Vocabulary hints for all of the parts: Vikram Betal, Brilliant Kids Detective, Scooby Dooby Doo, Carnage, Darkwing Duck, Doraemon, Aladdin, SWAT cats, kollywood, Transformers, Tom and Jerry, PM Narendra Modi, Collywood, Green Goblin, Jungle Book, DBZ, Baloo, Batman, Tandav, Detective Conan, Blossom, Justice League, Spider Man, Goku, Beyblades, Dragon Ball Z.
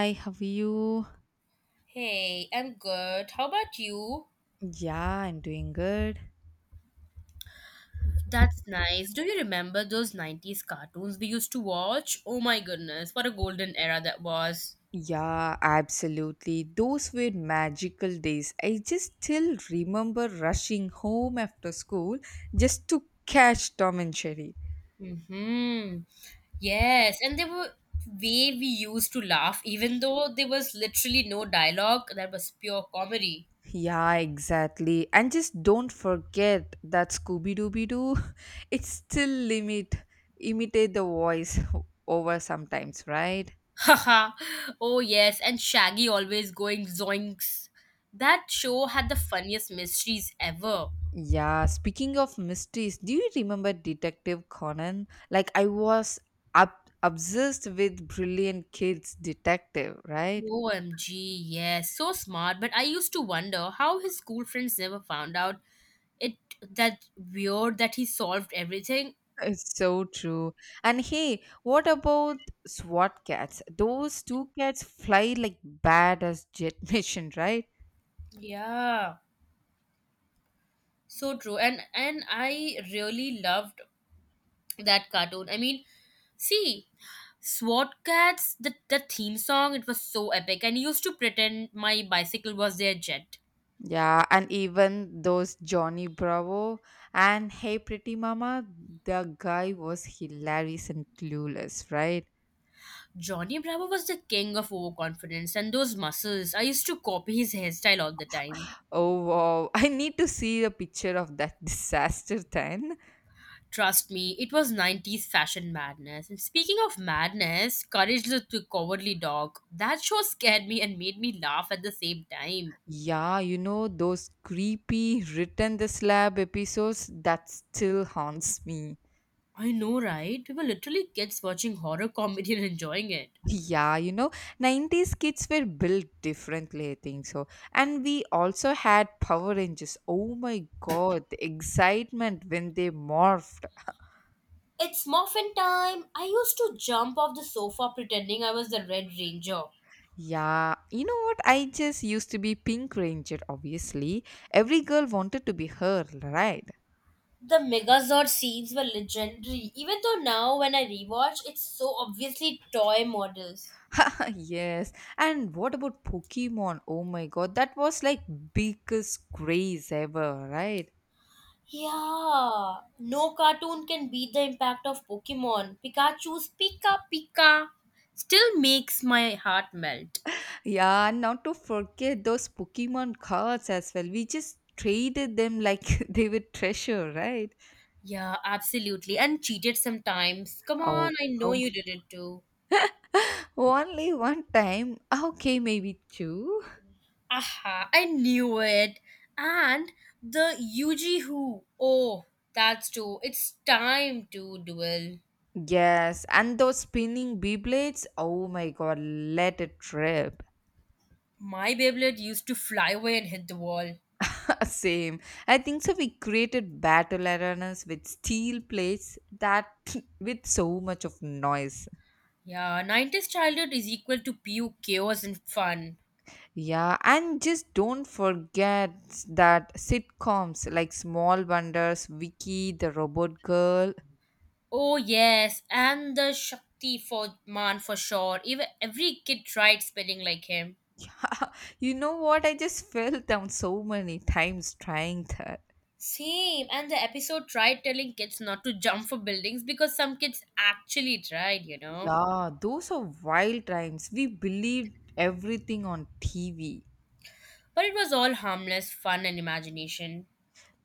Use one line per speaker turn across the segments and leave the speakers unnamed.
Hi, how are you?
Hey, I'm good. How about you?
Yeah, I'm doing good.
That's nice. Do you remember those 90s cartoons we used to watch? Oh my goodness, what a golden era that was.
Yeah, absolutely. Those were magical days. I just still remember rushing home after school just to catch Tom and Jerry.
Mm-hmm. Yes, and there were way we used to laugh, even though there was literally no dialogue. That was pure comedy.
Yeah, exactly. And just don't forget that Scooby Dooby Doo, it still limit imitate the voice over sometimes, right?
Haha. Oh yes, and Shaggy always going zoinks. That show had the funniest mysteries ever.
Yeah, speaking of mysteries, do you remember Detective Conan? Like I was up obsessed with Brilliant Kids Detective, right?
OMG, yes, so smart. But I used to wonder how his school friends never found out it that weird that he solved everything.
It's so true. And hey, what about SWAT cats? Those two cats fly like bad as jet mission, right?
Yeah, so true. And I really loved that cartoon. I mean, see, SWAT Cats, the theme song, it was so epic. And he used to pretend my bicycle was their jet.
Yeah, and even those Johnny Bravo and Hey Pretty Mama, the guy was hilarious and clueless, right?
Johnny Bravo was the king of overconfidence and those muscles. I used to copy his hairstyle all the time.
Oh wow, I need to see a picture of that disaster then.
Trust me, it was 90s fashion madness. And speaking of madness, Courage the Cowardly Dog. That show scared me and made me laugh at the same time.
Yeah, you know those creepy written the slab episodes that still haunts me.
I know, right? We were literally kids watching horror comedy and enjoying it.
Yeah, you know, 90's kids were built differently, I think so. And we also had Power Rangers. Oh my god, the excitement when they morphed.
It's muffin time. I used to jump off the sofa pretending I was the Red Ranger.
Yeah, you know what? I just used to be Pink Ranger, obviously. Every girl wanted to be her, right?
The Megazord scenes were legendary, even though now when I rewatch, it's so obviously toy models.
Yes. And what about Pokemon? Oh my god, that was like biggest craze ever, right?
Yeah, no cartoon can beat the impact of Pokemon. Pikachu's Pika Pika still makes my heart melt.
Yeah, and not to forget those Pokemon cards as well. We just traded them like they were treasure, right?
Yeah, absolutely. And cheated sometimes. Come on,
Oh,
I know
oh.
you did it too.
Only one time. Okay, maybe two.
Aha, I knew it. And the Yuji Who. Oh, that's too. It's time to duel.
Yes, and those spinning Beyblades. Oh my god, let it rip.
My Beyblade used to fly away and hit the wall.
Same. I think so. We created battle arenas with steel plates that with so much of noise.
Yeah, 90s childhood is equal to pure chaos and fun.
Yeah, and just don't forget that sitcoms like Small Wonders, Vicky, The Robot Girl.
Oh yes, and the Shakti for man for sure. Even every kid tried spelling like him.
You know what? I just fell down so many times trying that.
Same, and the episode tried telling kids not to jump for buildings because some kids actually tried.
Yeah, those are wild times. We believed everything on TV.
But it was all harmless fun and imagination.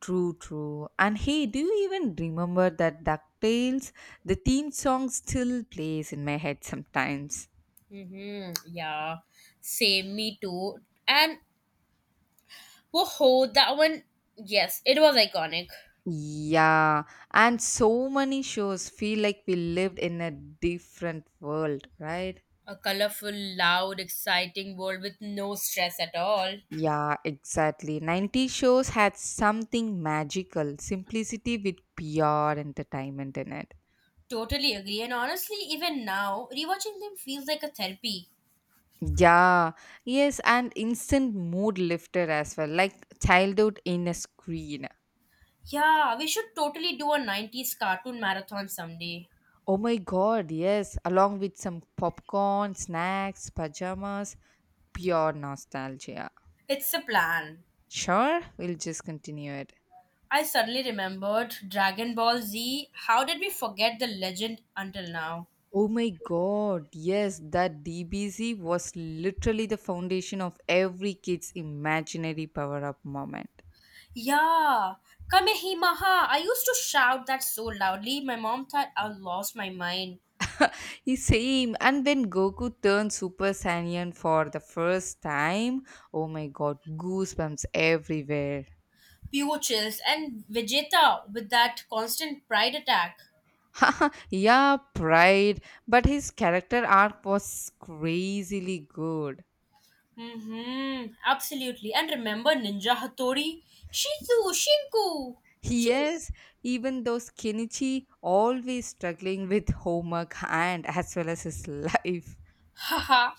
True, true. And hey, do you even remember that DuckTales? The theme song still plays in my head sometimes.
Mm-hmm. Yeah, same. Me too. And whoa, that one. Yes, it was iconic.
Yeah, and so many shows feel like we lived in a different world, right?
A colorful, loud, exciting world with no stress at all.
Yeah, exactly. 90 shows had something magical, simplicity with pure entertainment in it.
Totally agree. And honestly, even now, rewatching them feels like a therapy.
Yeah, yes, and instant mood lifter as well, like childhood in a screen.
Yeah, we should totally do a 90s cartoon marathon someday.
Oh my god, yes, along with some popcorn, snacks, pajamas, pure nostalgia.
It's a plan.
Sure, we'll just continue it.
I suddenly remembered Dragon Ball Z. How did we forget the legend until now?
Oh my god, yes, that DBZ was literally the foundation of every kid's imaginary power up moment.
Yeah, Kamehameha. I used to shout that so loudly, my mom thought I lost my mind.
The Same, and when Goku turned Super Saiyan for the first time, oh my god, goosebumps everywhere.
Pure chills and Vegeta with that constant pride attack.
Yeah, pride. But his character arc was crazily good.
Mm-hmm. Absolutely. And remember Ninja Hattori? Shizu, Shinku. She's
Yes, even though Kenichi always struggling with homework and as well as his life.
haha.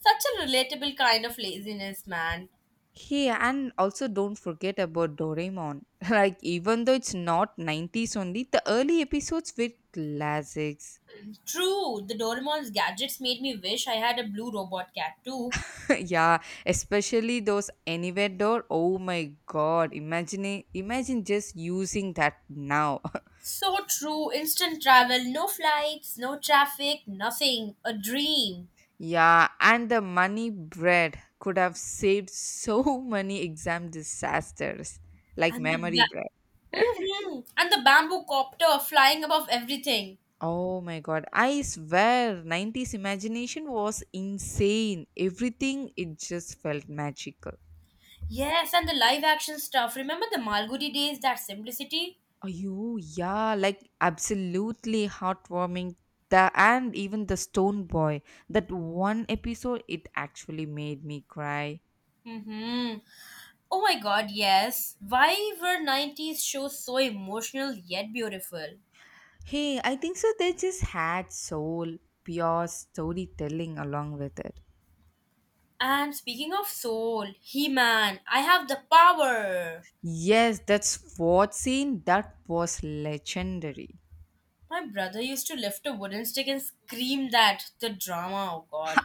Such a relatable kind of laziness, man.
Hey, and also don't forget about Doraemon. Like, even though it's not 90's only, the early episodes were classics.
True, the Doraemon's gadgets made me wish I had a blue robot cat too.
Yeah, especially those anywhere door. Oh my god, imagine just using that now.
So true. Instant travel, no flights, no traffic, nothing. A dream.
Yeah, and the money bread could have saved so many exam disasters, like
And the
memory bread.
and the bamboo copter flying above everything.
Oh my god, I swear, 90's imagination was insane. Everything, it just felt magical.
Yes, and the live action stuff. Remember the Malgudi days, that simplicity?
Oh, yeah, like absolutely heartwarming. And even the Stone Boy, that one episode, it actually made me cry.
Mm-hmm. Oh my god, yes. Why were 90s shows so emotional yet beautiful?
Hey, I think so. They just had soul, pure storytelling along with it.
And speaking of soul, He Man, I have the power!
Yes, that's what scene that was legendary,
My brother used to lift a wooden stick and scream that the drama, oh god.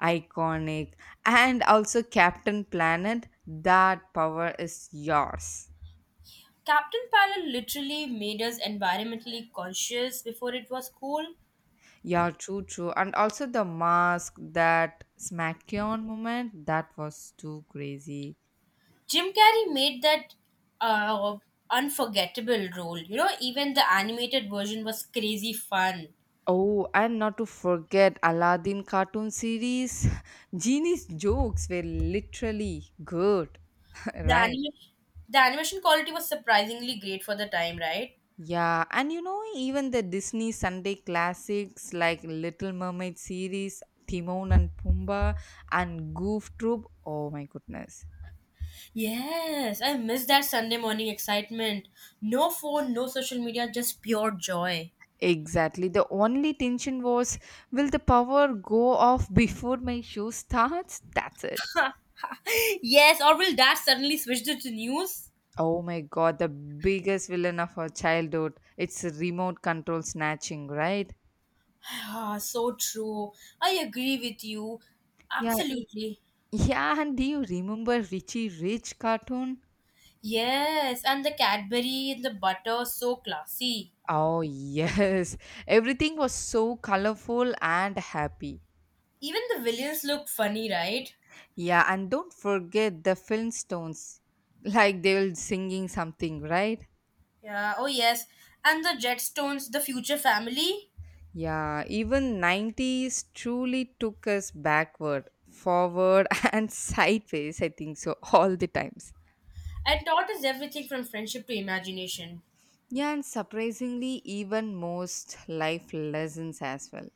iconic, and also Captain Planet. That power is yours.
Captain Palin literally made us environmentally conscious before it was cool.
Yeah, true, true. And also the mask, that Smackion moment, that was too crazy.
Jim Carrey made that uh, unforgettable role. You know, even the animated version was crazy fun.
Oh, and not to forget Aladdin cartoon series. Genie's jokes were literally good.
The
Right.
animation, the animation quality was surprisingly great for the time, right?
Yeah, and you know, even the Disney Sunday classics like Little Mermaid series, Timon and Pumbaa, and Goof Troop. Oh my goodness.
Yes, I miss that Sunday morning excitement. No phone, no social media, just pure joy.
Exactly. The only tension was, will the power go off before my show starts? That's it.
Yes, or will that suddenly switch to the news?
Oh my god, the biggest villain of our childhood. It's remote control snatching, right?
Ah, so true. I agree with you.
Yeah,
Absolutely.
yeah, and do you remember Richie Rich cartoon?
Yes, and the Cadbury and the butter, so classy.
Oh, yes. Everything was so colorful and happy.
Even the villains look funny, right?
Yeah, and don't forget the Flintstones. Like they were singing something, right?
Yeah, oh yes. And the Jetstones, the future family?
Yeah, even 90's truly took us backward, forward, and sideways, I think so, all the times.
And taught us everything from friendship to imagination.
Yeah, and surprisingly, even most life lessons as well.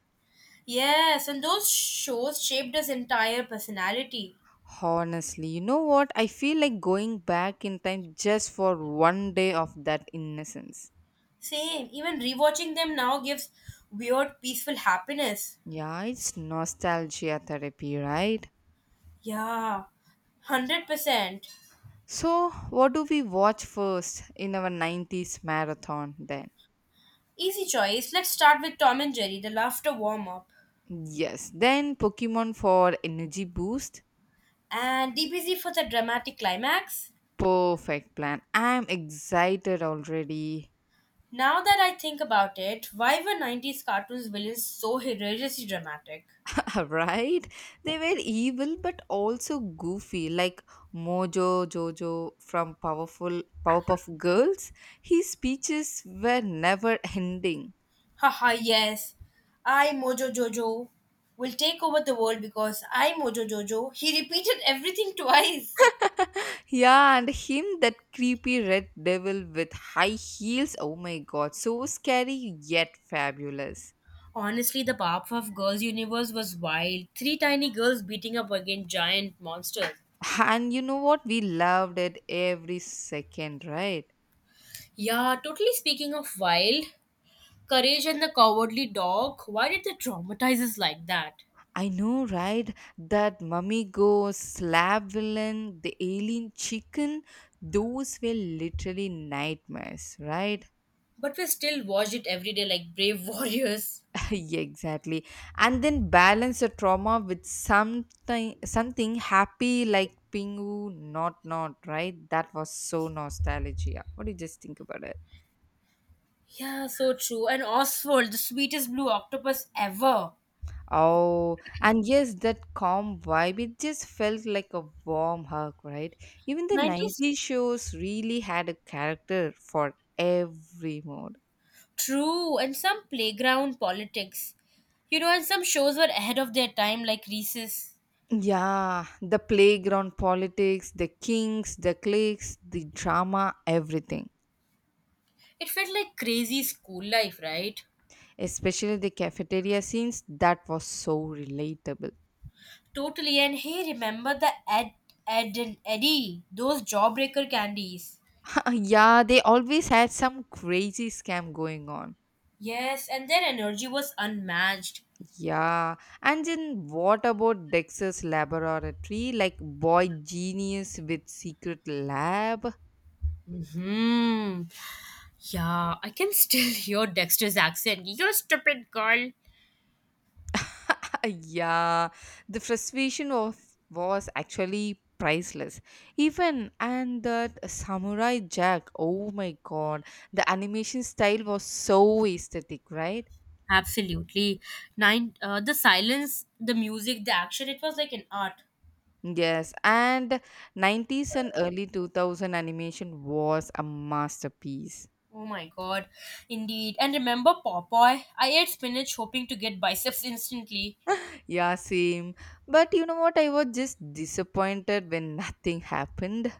Yes, and those shows shaped his entire personality.
Honestly, you know what? I feel like going back in time just for one day of that innocence.
Same, even rewatching them now gives weird, peaceful happiness.
Yeah, it's nostalgia therapy, right?
Yeah, 100%.
So, what do we watch first in our 90's marathon then?
Easy choice. Let's start with Tom and Jerry, the laughter warm up.
Yes, then Pokemon for energy boost.
And DBZ for the dramatic climax.
Perfect plan. I'm excited already.
Now that I think about it, why were 90s cartoons villains so hilariously dramatic?
Right? They were evil but also goofy, like Mojo Jojo from Powerful Powerpuff Girls. His speeches were never ending.
Haha, yes. I, Mojo Jojo, will take over the world because I, Mojo Jojo, he repeated everything twice.
Yeah, and him, that creepy red devil with high heels. Oh my god, so scary yet fabulous.
Honestly, the Powerpuff Girls universe was wild. Three tiny girls beating up against giant monsters.
And you know what? We loved it every second, right?
Yeah, totally speaking of wild, Courage and the Cowardly Dog, why did they traumatize us like that?
I know, right? That mummy ghost, slab villain, the alien chicken, those were literally nightmares, right?
But we still watched it every day like brave warriors.
Yeah, exactly. And then balance the trauma with something happy like Pingu not, right? That was so nostalgia. What do you just think about it?
Yeah, so true. And Oswald, the sweetest blue octopus ever.
Oh, and yes, that calm vibe, it just felt like a warm hug, right? Even the
90s
90's shows really had a character for every mood.
true, and some playground politics. You know, and some shows were ahead of their time, like Reese's.
Yeah, the playground politics, the kings, the cliques, the drama, everything.
It felt like crazy school life, right?
Especially the cafeteria scenes that was so relatable.
Totally, and hey, remember the Ed and Eddie, those jawbreaker candies.
Yeah, they always had some crazy scam going on.
Yes, and their energy was unmatched.
Yeah, and then what about Dexter's Laboratory, like boy genius with secret lab?
Hmm. Yeah, I can still hear Dexter's accent. You stupid girl.
Yeah, the frustration of was actually priceless. Even and that Samurai Jack, oh my god, the animation style was so aesthetic, right?
Absolutely. Nine. The silence, the music, the action. It was like an art.
Yes, and 90's and early 2000 animation was a masterpiece.
Oh my god, indeed. And remember Popeye? I ate spinach hoping to get biceps instantly.
Yeah, same. But you know what? I was just disappointed when nothing happened.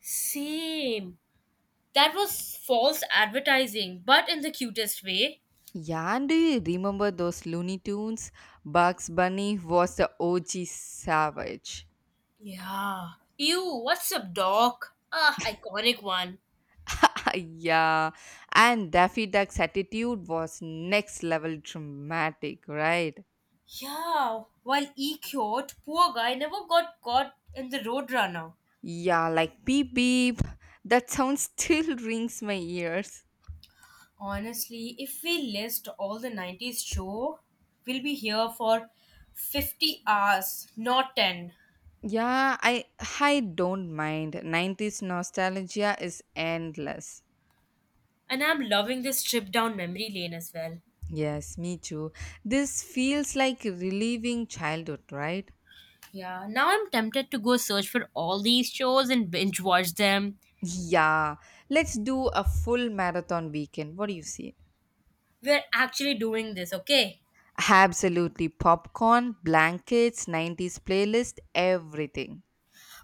Same. That was false advertising, but in the cutest way.
Yeah, and do you remember those Looney Tunes? Bugs Bunny was the OG savage.
Yeah. Ew, what's up, doc? Ah, iconic one.
Yeah, and Daffy Duck's attitude was next level dramatic, right?
Yeah, while E cured, poor guy never got caught in the Roadrunner.
Yeah, like beep beep. That sound still rings my ears.
Honestly, if we list all the 90s show, we'll be here for 50 hours, not 10.
Yeah, I don't mind. 90's nostalgia is endless.
And I'm loving this trip down memory lane as well.
Yes, me too. This feels like relieving childhood, right?
Yeah, now I'm tempted to go search for all these shows and binge watch them.
Yeah. Let's do a full marathon weekend. What do you see?
We're actually doing this, okay?
Absolutely. Popcorn, blankets, 90's playlist, everything.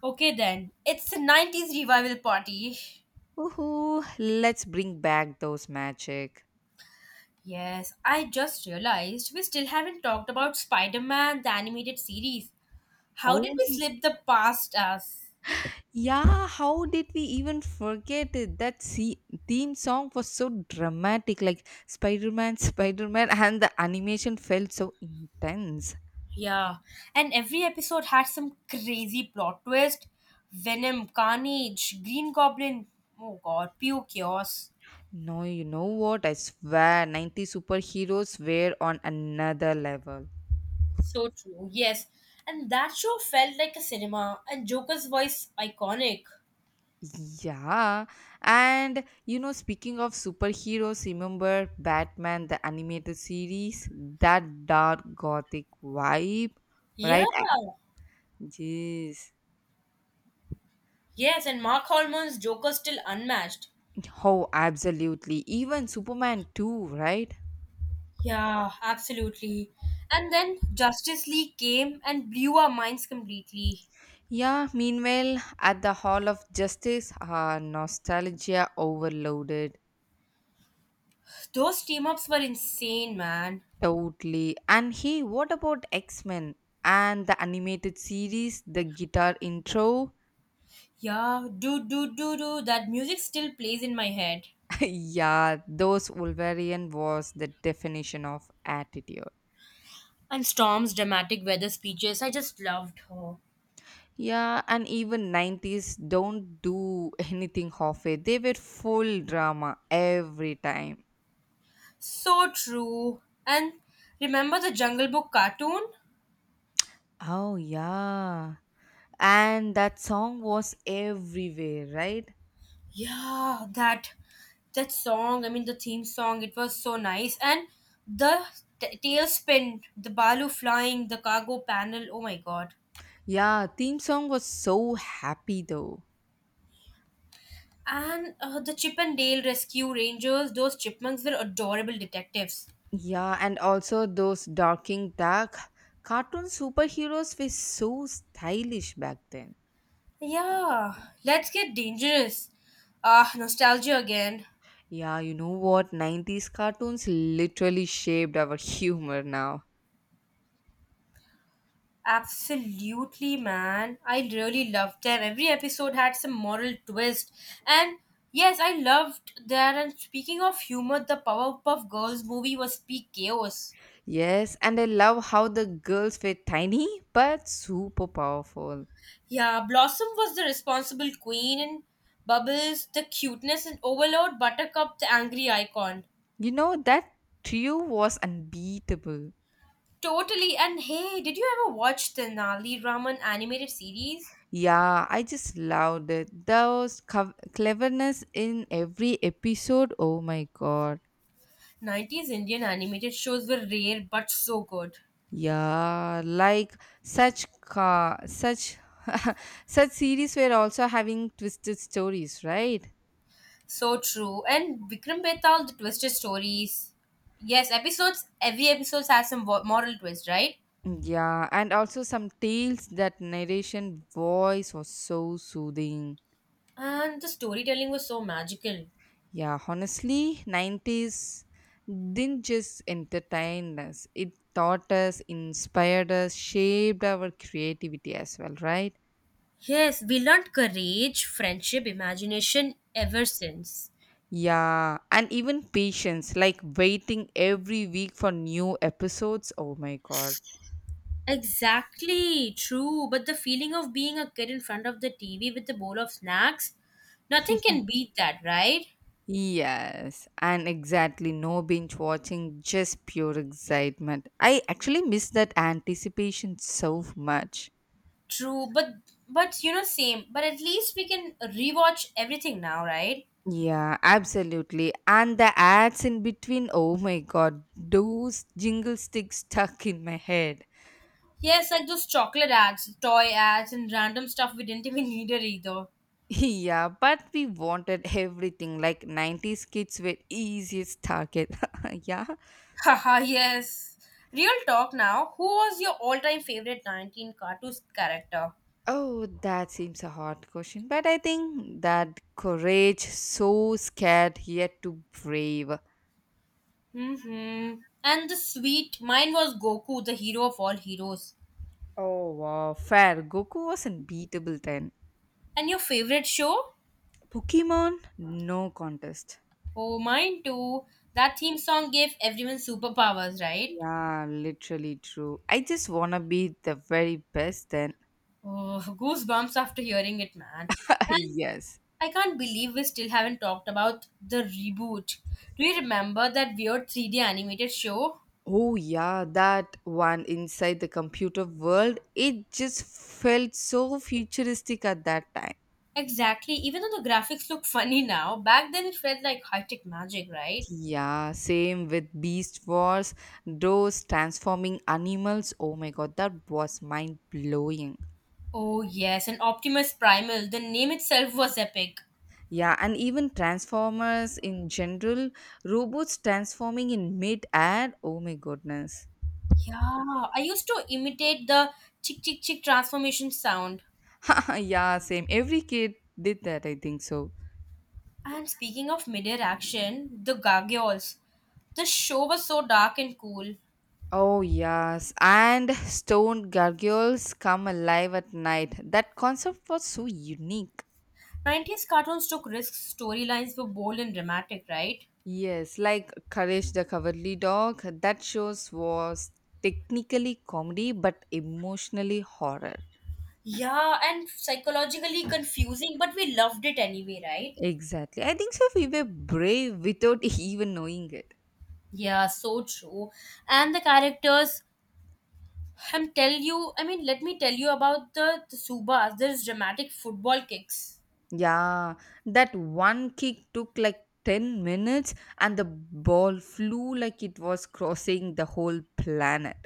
Okay then, it's the 90s revival party.
Woohoo. Let's bring back those magic.
Yes, I just realized we still haven't talked about Spider Man, the animated series. How did
Oh,
we slip the past us?
yeah, how did we even forget it? That see, theme song was so dramatic, like Spider Man, Spider Man, and the animation felt so intense.
Yeah, and every episode had some crazy plot twist Venom, Carnage, Green Goblin. Oh god, pure chaos.
No, you know what? I swear, 90 superheroes were on another level.
So true, yes. And that show felt like a cinema, and Joker's voice iconic.
Yeah, and you know, speaking of superheroes, remember Batman, the animated series, that dark gothic vibe,
Yeah,
right? Yes.
yes, and Mark Holman's Joker still unmatched.
Oh, absolutely. Even Superman too, right?
Yeah, absolutely. And then Justice League came and blew our minds completely.
Yeah, meanwhile, at the Hall of Justice, nostalgia overloaded.
Those team ups were insane, man.
Totally. And hey, what about X Men and the animated series, the guitar intro?
Yeah, do do do do. That music still plays in my head.
Yeah, those Wolverine was the definition of attitude.
And Storm's dramatic weather speeches, I just loved her.
Yeah, and even 90's don't do anything halfway. They were full drama every time.
So true. And remember the Jungle Book cartoon?
Oh, yeah. And that song was everywhere, right?
Yeah, that song. I mean, the theme song. It was so nice, and the tailspin, the balu flying, the cargo panel. Oh my god!
Yeah, theme song was so happy though.
And the Chip and Dale rescue rangers. Those chipmunks were adorable detectives.
Yeah, and also those Darking Duck cartoon superheroes were so stylish back then.
Yeah, let's get dangerous. Ah, nostalgia again.
Yeah, you know what, 90's cartoons literally shaped our humor now.
Absolutely, man. I really loved them. Every episode had some moral twist. And yes, I loved that. And speaking of humor, the Powerpuff Girls movie was peak chaos.
Yes, and I love how the girls were tiny but super powerful.
Yeah, Blossom was the responsible queen, and Bubbles, the cuteness, and Overlord Buttercup, the angry icon.
You know that trio was unbeatable.
Totally. And hey, did you ever watch the Nali Raman animated series?
Yeah, I just loved it. Those cov cleverness in every episode. Oh my god.
90s Indian animated shows were rare but so good.
Yeah, like such such series were also having twisted stories, right?
So true. And Vikram Betal, the twisted stories. Yes, episodes, every episode has some moral twist, right?
Mm, yeah, and also some tales that narration voice was so soothing.
And the storytelling was so magical.
Yeah, honestly, 90's didn't just entertain us. It taught us, inspired us, shaped our creativity as well, right?
Yes, we learned courage, friendship, imagination ever since.
Yeah, and even patience, like waiting every week for new episodes. Oh my god.
Exactly, true. But the feeling of being a kid in front of the TV with a bowl of snacks, nothing can beat that, right?
Yes, and exactly no binge watching, just pure excitement. I actually miss that anticipation so much.
True, but you know, same. But at least we can rewatch everything now, right?
Yeah, absolutely. And the ads in between, oh my god, those jingle sticks stuck in my head.
Yes, like those chocolate ads, toy ads, and random stuff we didn't even need it either.
Yeah, but we wanted everything like 90's kids were easiest target. Yeah.
Haha, yes. Real talk now. Who was your all time favorite 19 cartoons character?
Oh, that seems a hard question, but I think that courage, so scared yet too brave.
Mm-hmm. And the sweet, mine was Goku, the hero of all heroes.
Oh, wow, fair. Goku was unbeatable then.
And your favorite show?
Pokemon, no contest.
Oh, mine too. That theme song gave everyone superpowers, right?
Yeah, literally true. I just wanna be the very best then.
Oh, goosebumps after hearing it, man. And
Yes.
I can't believe we still haven't talked about the reboot. Do you remember that weird 3D animated show?
Oh, yeah, that one inside the computer world, it just felt so futuristic at that time.
Exactly, even though the graphics look funny now, back then it felt like high tech magic, right?
Yeah, same with Beast Wars, those transforming animals. Oh my god, that was mind blowing.
Oh, yes, and Optimus Primal, the name itself was epic.
Yeah, and even Transformers in general, robots transforming in mid air. Oh my goodness.
Yeah, I used to imitate the chick chick chick transformation sound.
Yeah, same. Every kid did that, I think so.
And speaking of mid-air action, the gargoyles. The show was so dark and cool.
Oh, yes. And stone gargoyles come alive at night. That concept was so unique.
90s cartoons took risks, storylines were bold and dramatic, right?
Yes, like Courage the Cowardly Dog, that shows was technically comedy but emotionally horror.
Yeah, and psychologically confusing, but we loved it anyway, right?
Exactly. I think so we were brave without even knowing it.
Yeah, so true. And the characters, I am tell you, I mean, let me tell you about the Subas, there's dramatic football kicks.
Yeah, that one kick took like 10 minutes and the ball flew like it was crossing the whole planet.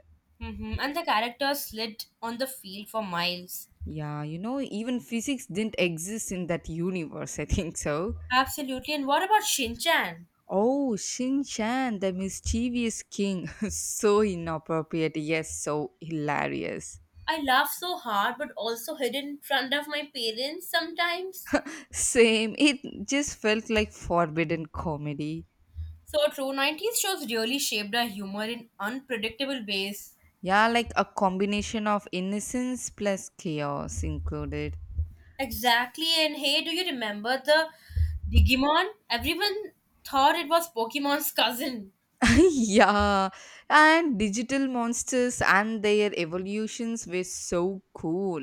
Hmm. And the characters slid on the field for miles.
Yeah, you know, even physics didn't exist in that universe, I think so.
Absolutely. And what about Shinchan?
Oh, Shin Chan, the mischievous king. So inappropriate, yes, so hilarious.
I laugh so hard, but also hid in front of my parents sometimes.
Same, it just felt like forbidden comedy.
So true. 90s shows really shaped our humor in unpredictable ways.
Yeah, like a combination of innocence plus chaos included.
Exactly. And hey, do you remember the Digimon? Everyone thought it was Pokemon's cousin.
Yeah, and digital monsters and their evolutions were so cool.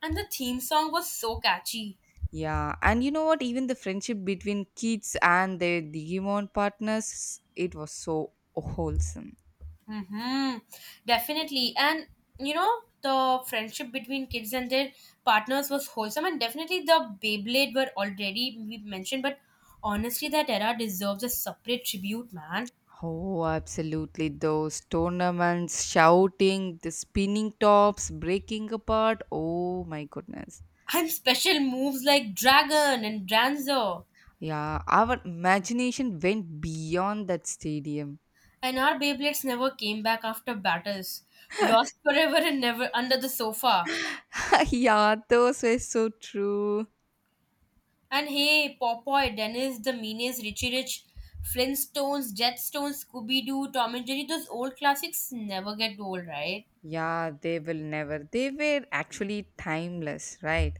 And the theme song was so catchy.
Yeah, and you know what? Even the friendship between kids and their Digimon partners, it was so wholesome.
Mm-hmm. Definitely. And you know, the friendship between kids and their partners was wholesome. And definitely the Beyblade were already we mentioned, but honestly that era deserves a separate tribute, man.
Oh, absolutely. Those tournaments, shouting, the spinning tops, breaking apart. Oh, my goodness.
And special moves like Dragon and Danzo.
Yeah, our imagination went beyond that stadium.
And our Beyblades never came back after battles. Lost forever and never under the sofa.
Yeah, those were so true.
And hey, Popeye, Dennis, the Meanies, Richie Rich, Flintstones, Jetstones, Scooby Doo, Tom and Jerry, those old classics never get old, right?
Yeah, they will never. They were actually timeless, right?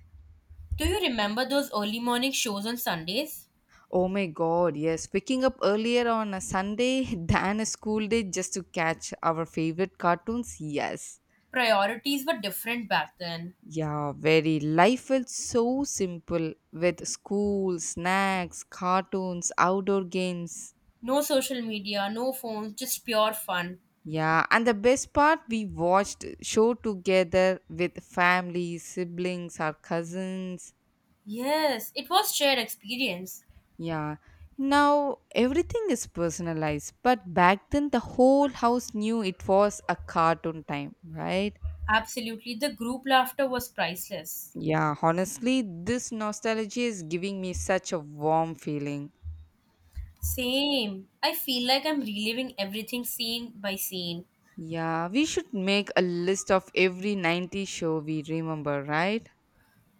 Do you remember those early morning shows on Sundays?
Oh my god, yes. Waking up earlier on a Sunday than a school day just to catch our favorite cartoons. Yes.
Priorities were different back then.
Yeah, very. Life felt so simple with school, snacks, cartoons, outdoor games.
No social media, no phones, just pure fun.
Yeah, and the best part, we watched show together with family, siblings, our cousins.
Yes, it was shared experience.
Yeah. Now everything is personalized, but back then the whole house knew it was a cartoon time, right?
Absolutely, the group laughter was priceless.
Yeah, honestly, this nostalgia is giving me such a warm feeling.
Same. I feel like I'm reliving everything scene by scene.
Yeah, we should make a list of every 90 show we remember, right?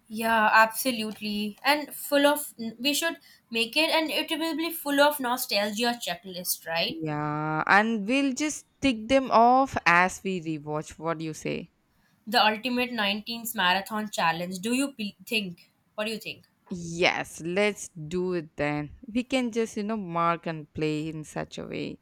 Yeah, absolutely. And full of, we should make it, and it will be full of nostalgia checklist, right?
Yeah, and we'll just tick them off as we rewatch. What do you say?
The ultimate 19s marathon challenge. Do you think? What do you think?
Yes, let's do it then. We can just, you know, mark and play in such a way.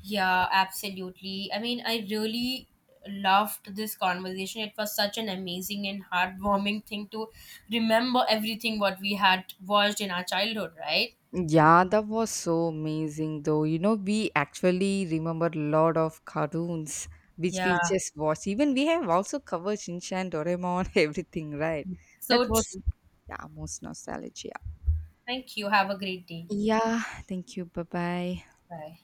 Yeah, absolutely. I mean, I really loved this conversation. It was such an amazing and heartwarming thing to remember everything what we had watched in our childhood, right?
Yeah, that was so amazing though. You know, we actually remember a lot of cartoons which
Yeah,
we just watched. Even we have also covered Shinchan, Doraemon, everything, right? That
so
was,
true.
yeah, most nostalgia.
Thank you. Have a great day.
Yeah, thank you. Bye bye.
Bye.